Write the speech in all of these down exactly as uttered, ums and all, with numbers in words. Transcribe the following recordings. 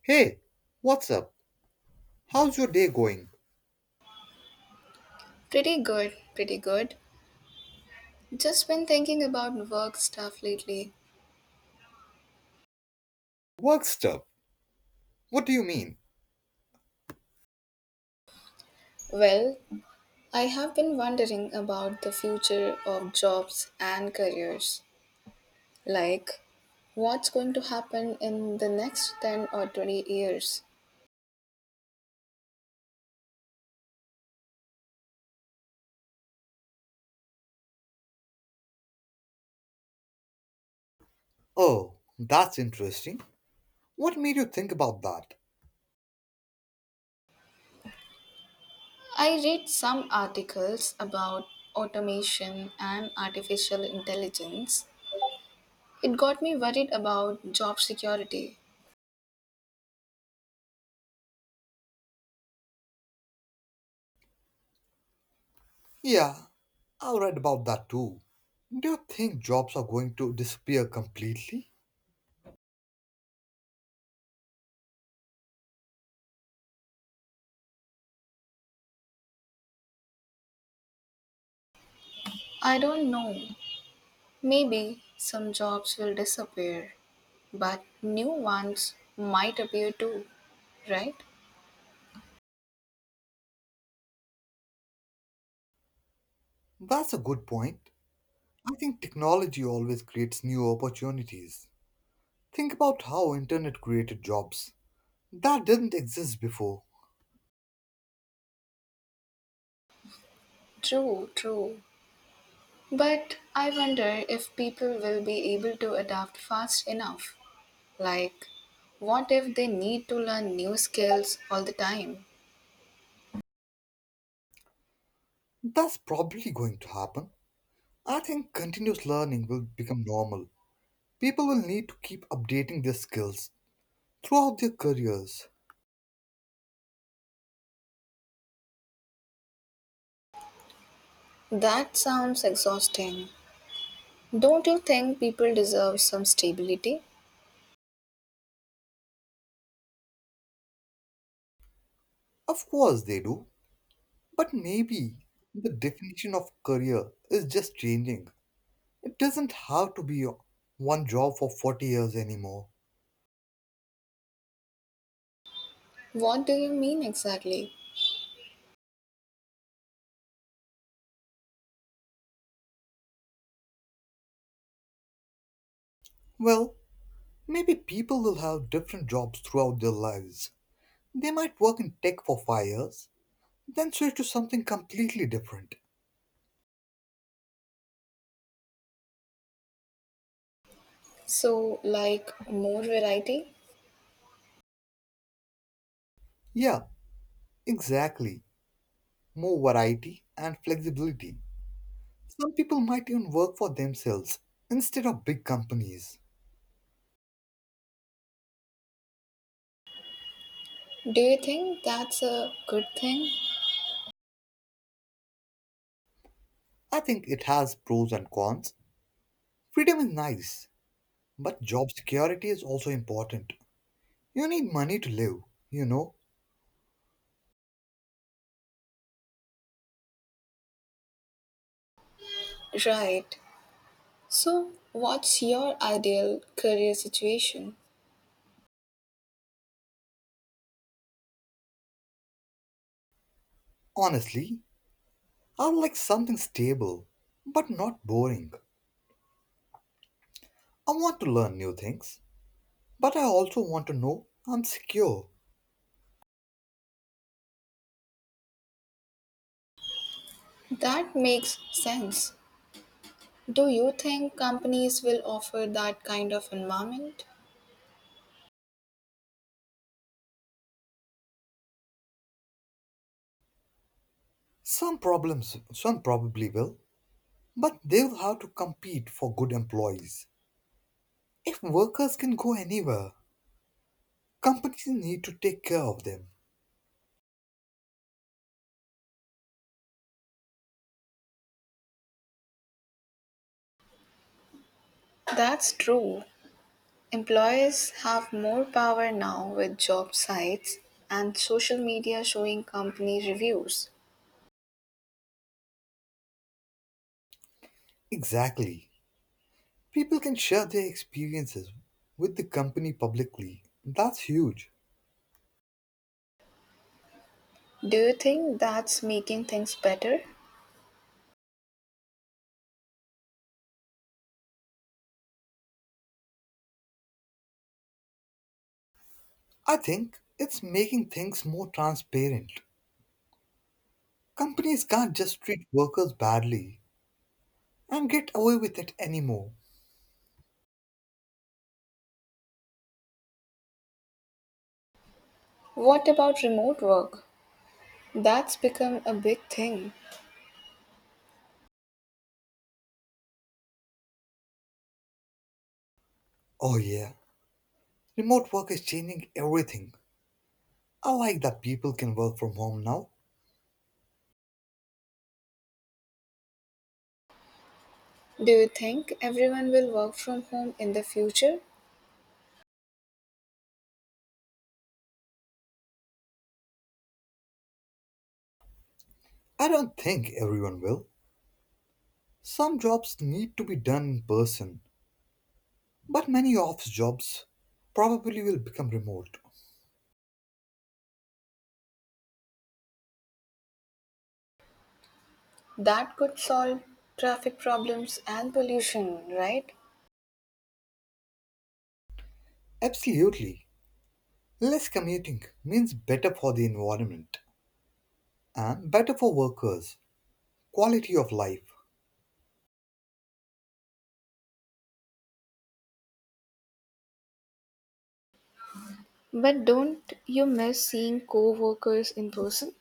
Hey, what's up? How's your day going? Pretty good, pretty good. Just been thinking about work stuff lately. Work stuff? What do you mean? Well, I have been wondering about the future of jobs and careers. Like, what's going to happen in the next ten or twenty years? Oh, that's interesting. What made you think about that? I read some articles about automation and artificial intelligence. It got me worried about job security. Yeah, I read about that too. Do you think jobs are going to disappear completely? I don't know. Maybe some jobs will disappear, but new ones might appear too, right? That's a good point. I think technology always creates new opportunities. Think about how internet created jobs that didn't exist before. True, true. But I wonder if people will be able to adapt fast enough. Like, what if they need to learn new skills all the time? That's probably going to happen. I think continuous learning will become normal. People will need to keep updating their skills throughout their careers. That sounds exhausting. Don't you think people deserve some stability? Of course, they do. But maybe the definition of career is just changing. It doesn't have to be one job for forty years anymore. What do you mean exactly? Well, maybe people will have different jobs throughout their lives. They might work in tech for five years, then switch to something completely different. So, like, more variety? Yeah, exactly. More variety and flexibility. Some people might even work for themselves instead of big companies. Do you think that's a good thing? I think it has pros and cons. Freedom is nice, but job security is also important. You need money to live, you know. Right. So, what's your ideal career situation? Honestly, I would like something stable, but not boring. I want to learn new things, but I also want to know I'm secure. That makes sense. Do you think companies will offer that kind of environment? Some problems, some probably will, but they'll have to compete for good employees. If workers can go anywhere, companies need to take care of them. That's true. Employers have more power now with job sites and social media showing company reviews. Exactly. People can share their experiences with the company publicly. That's huge. Do you think that's making things better? I think it's making things more transparent. Companies can't just treat workers badly and get away with it anymore. What about remote work? That's become a big thing. Oh, yeah. Remote work is changing everything. I like that people can work from home now. Do you think everyone will work from home in the future? I don't think everyone will. Some jobs need to be done in person, but many office jobs probably will become remote. That could solve traffic problems and pollution, right? Absolutely. Less commuting means better for the environment and better for workers, quality of life. But don't you miss seeing co workers in person?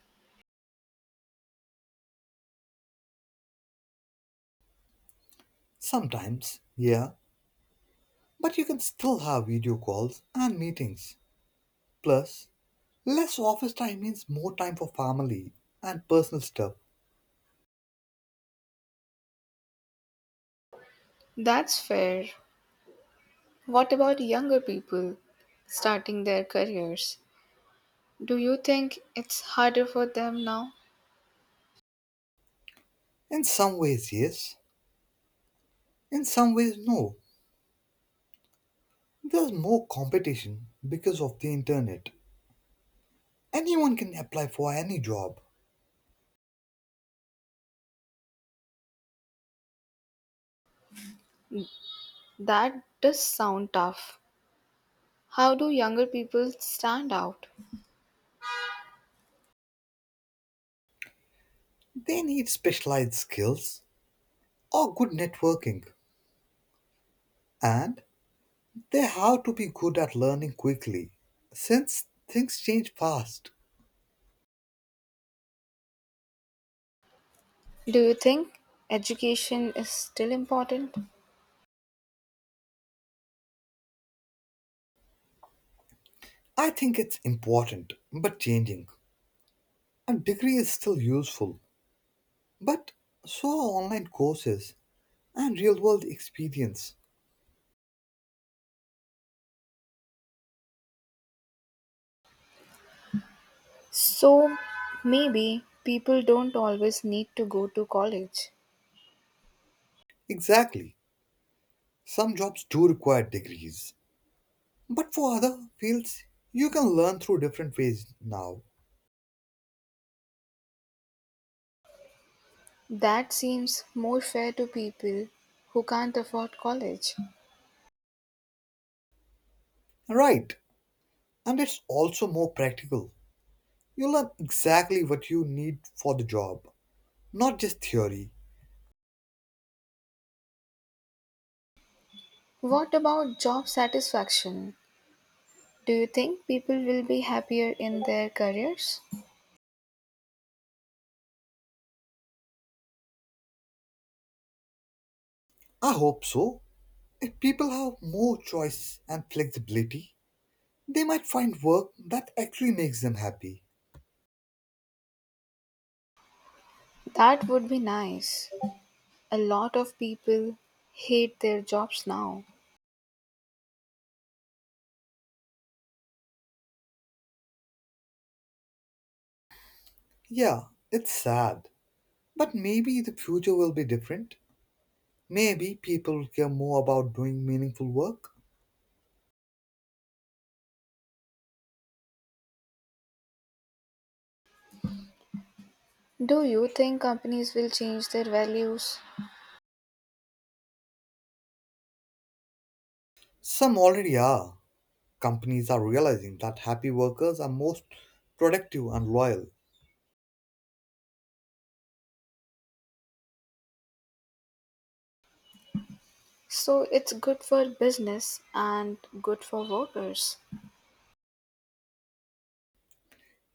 Sometimes, yeah, but you can still have video calls and meetings. Plus, less office time means more time for family and personal stuff. That's fair. What about younger people starting their careers? Do you think it's harder for them now? In some ways, yes. In some ways, no. There's more competition because of the internet. Anyone can apply for any job. That does sound tough. How do younger people stand out? They need specialized skills or good networking. And they have to be good at learning quickly since things change fast. Do you think education is still important? I think it's important but changing. A degree is still useful, but so are online courses and real world experience. So maybe people don't always need to go to college. Exactly. Some jobs do require degrees, but for other fields, you can learn through different ways now. That seems more fair to people who can't afford college. Right, and it's also more practical. You learn exactly what you need for the job, not just theory. What about job satisfaction? Do you think people will be happier in their careers? I hope so. If people have more choice and flexibility, they might find work that actually makes them happy. That would be nice. A lot of people hate their jobs now. Yeah, it's sad, but maybe the future will be different. Maybe people will care more about doing meaningful work. Do you think companies will change their values? Some already are. Companies are realizing that happy workers are most productive and loyal. So it's good for business and good for workers.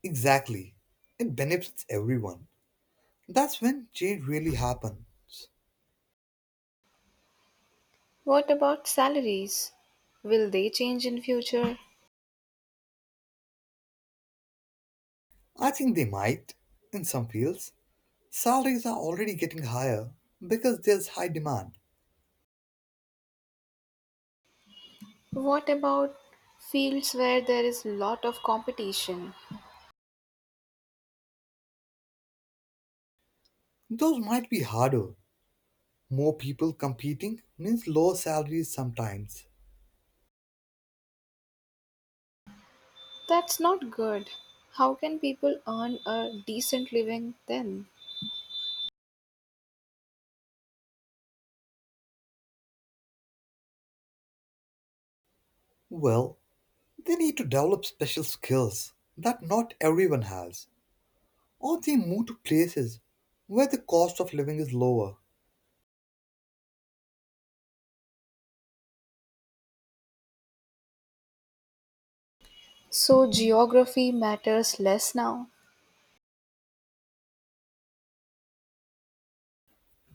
Exactly. It benefits everyone. That's when change really happens. What about salaries? Will they change in future? I think they might in some fields. Salaries are already getting higher because there's high demand. What about fields where there is lot of competition? Those might be harder. More people competing means lower salaries sometimes. That's not good. How can people earn a decent living then? Well, they need to develop special skills that not everyone has, or they move to places where the cost of living is lower. So geography matters less now.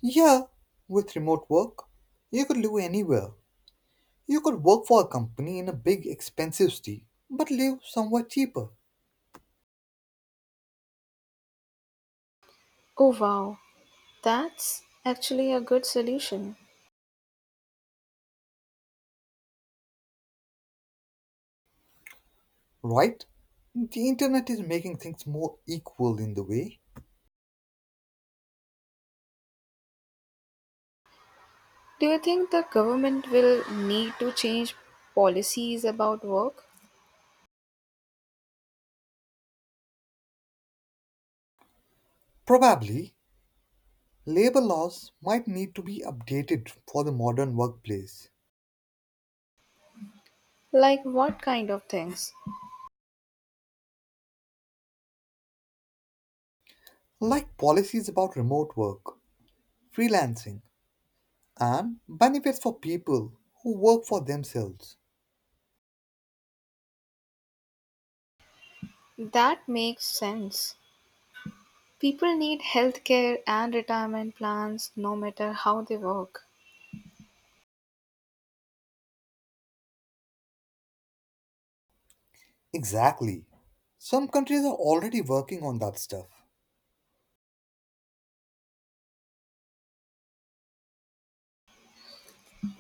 Yeah, with remote work, you could live anywhere. You could work for a company in a big, expensive city, but live somewhere cheaper. Oh wow, that's actually a good solution. Right? The internet is making things more equal in the way. Do you think the government will need to change policies about work? Probably, labor laws might need to be updated for the modern workplace, Like what kind of things? like policies about remote work, freelancing, and benefits for people who work for themselves. That makes sense. People need healthcare and retirement plans no matter how they work. Exactly. Some countries are already working on that stuff.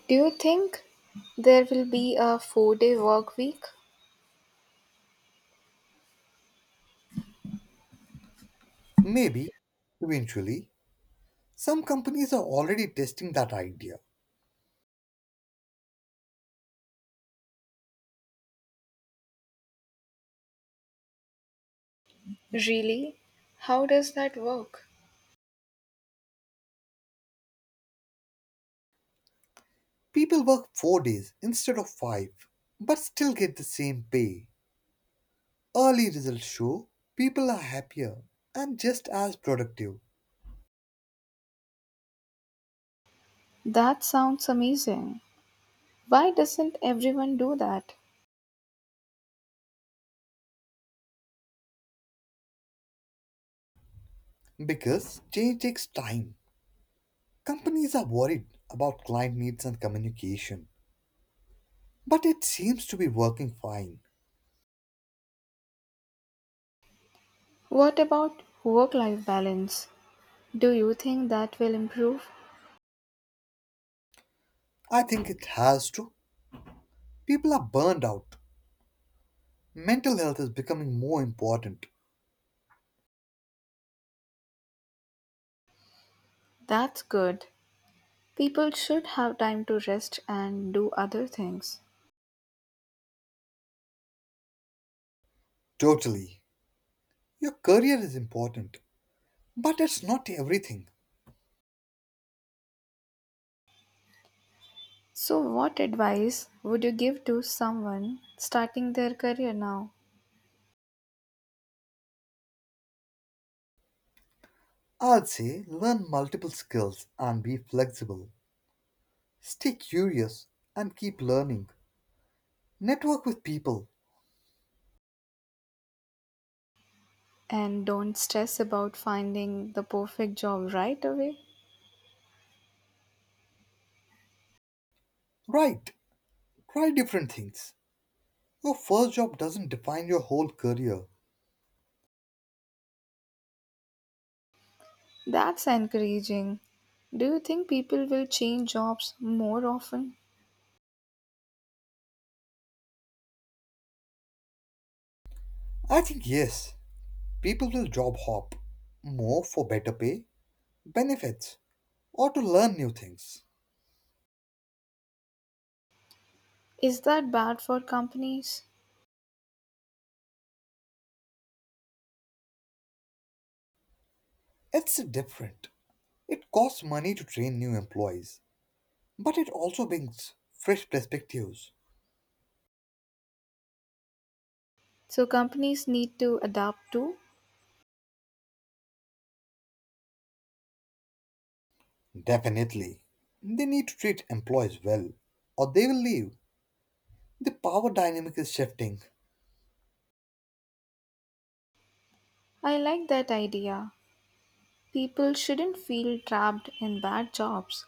Do you think there will be a four day work week? Maybe, eventually, some companies are already testing that idea. Really? How does that work? People work four days instead of five, but still get the same pay. Early results show people are happier and just as productive That sounds amazing. Why doesn't everyone do that? because change takes time. Companies are worried about client needs and communication, but it seems to be working fine. What about work life balance? Do you think that will improve? I think it has to. People are burned out. Mental health is becoming more important. That's good. People should have time to rest and do other things. Totally. Your career is important, but it's not everything. So, what advice would you give to someone starting their career now? I'd say learn multiple skills and be flexible. Stay curious and keep learning. Network with people. And don't stress about finding the perfect job right away. Right, try different things. Your first job doesn't define your whole career. That's encouraging. Do you think people will change jobs more often? I think yes, people will job hop more for better pay, benefits, or to learn new things. Is that bad for companies? It's different. It costs money to train new employees, but it also brings fresh perspectives. So, companies need to adapt too? Definitely. They need to treat employees well, or they will leave. The power dynamic is shifting. I like that idea. People shouldn't feel trapped in bad jobs.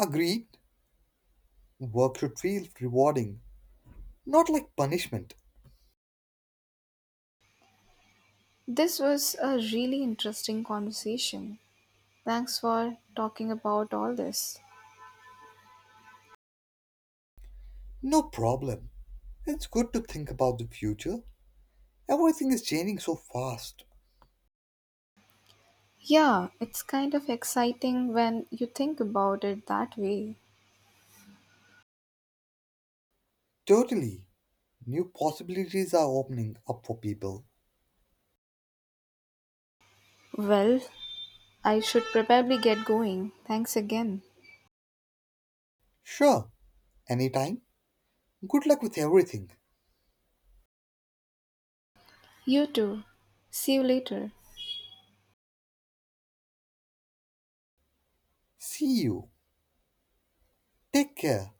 Agreed. Work should feel rewarding, not like punishment. This was a really interesting conversation. Thanks for talking about all this. No problem. It's good to think about the future. Everything is changing so fast. Yeah, it's kind of exciting when you think about it that way. Totally. New possibilities are opening up for people. Well, I should probably get going. Thanks again. Sure, anytime. Good luck with everything. You too. See you later. See you. Take care.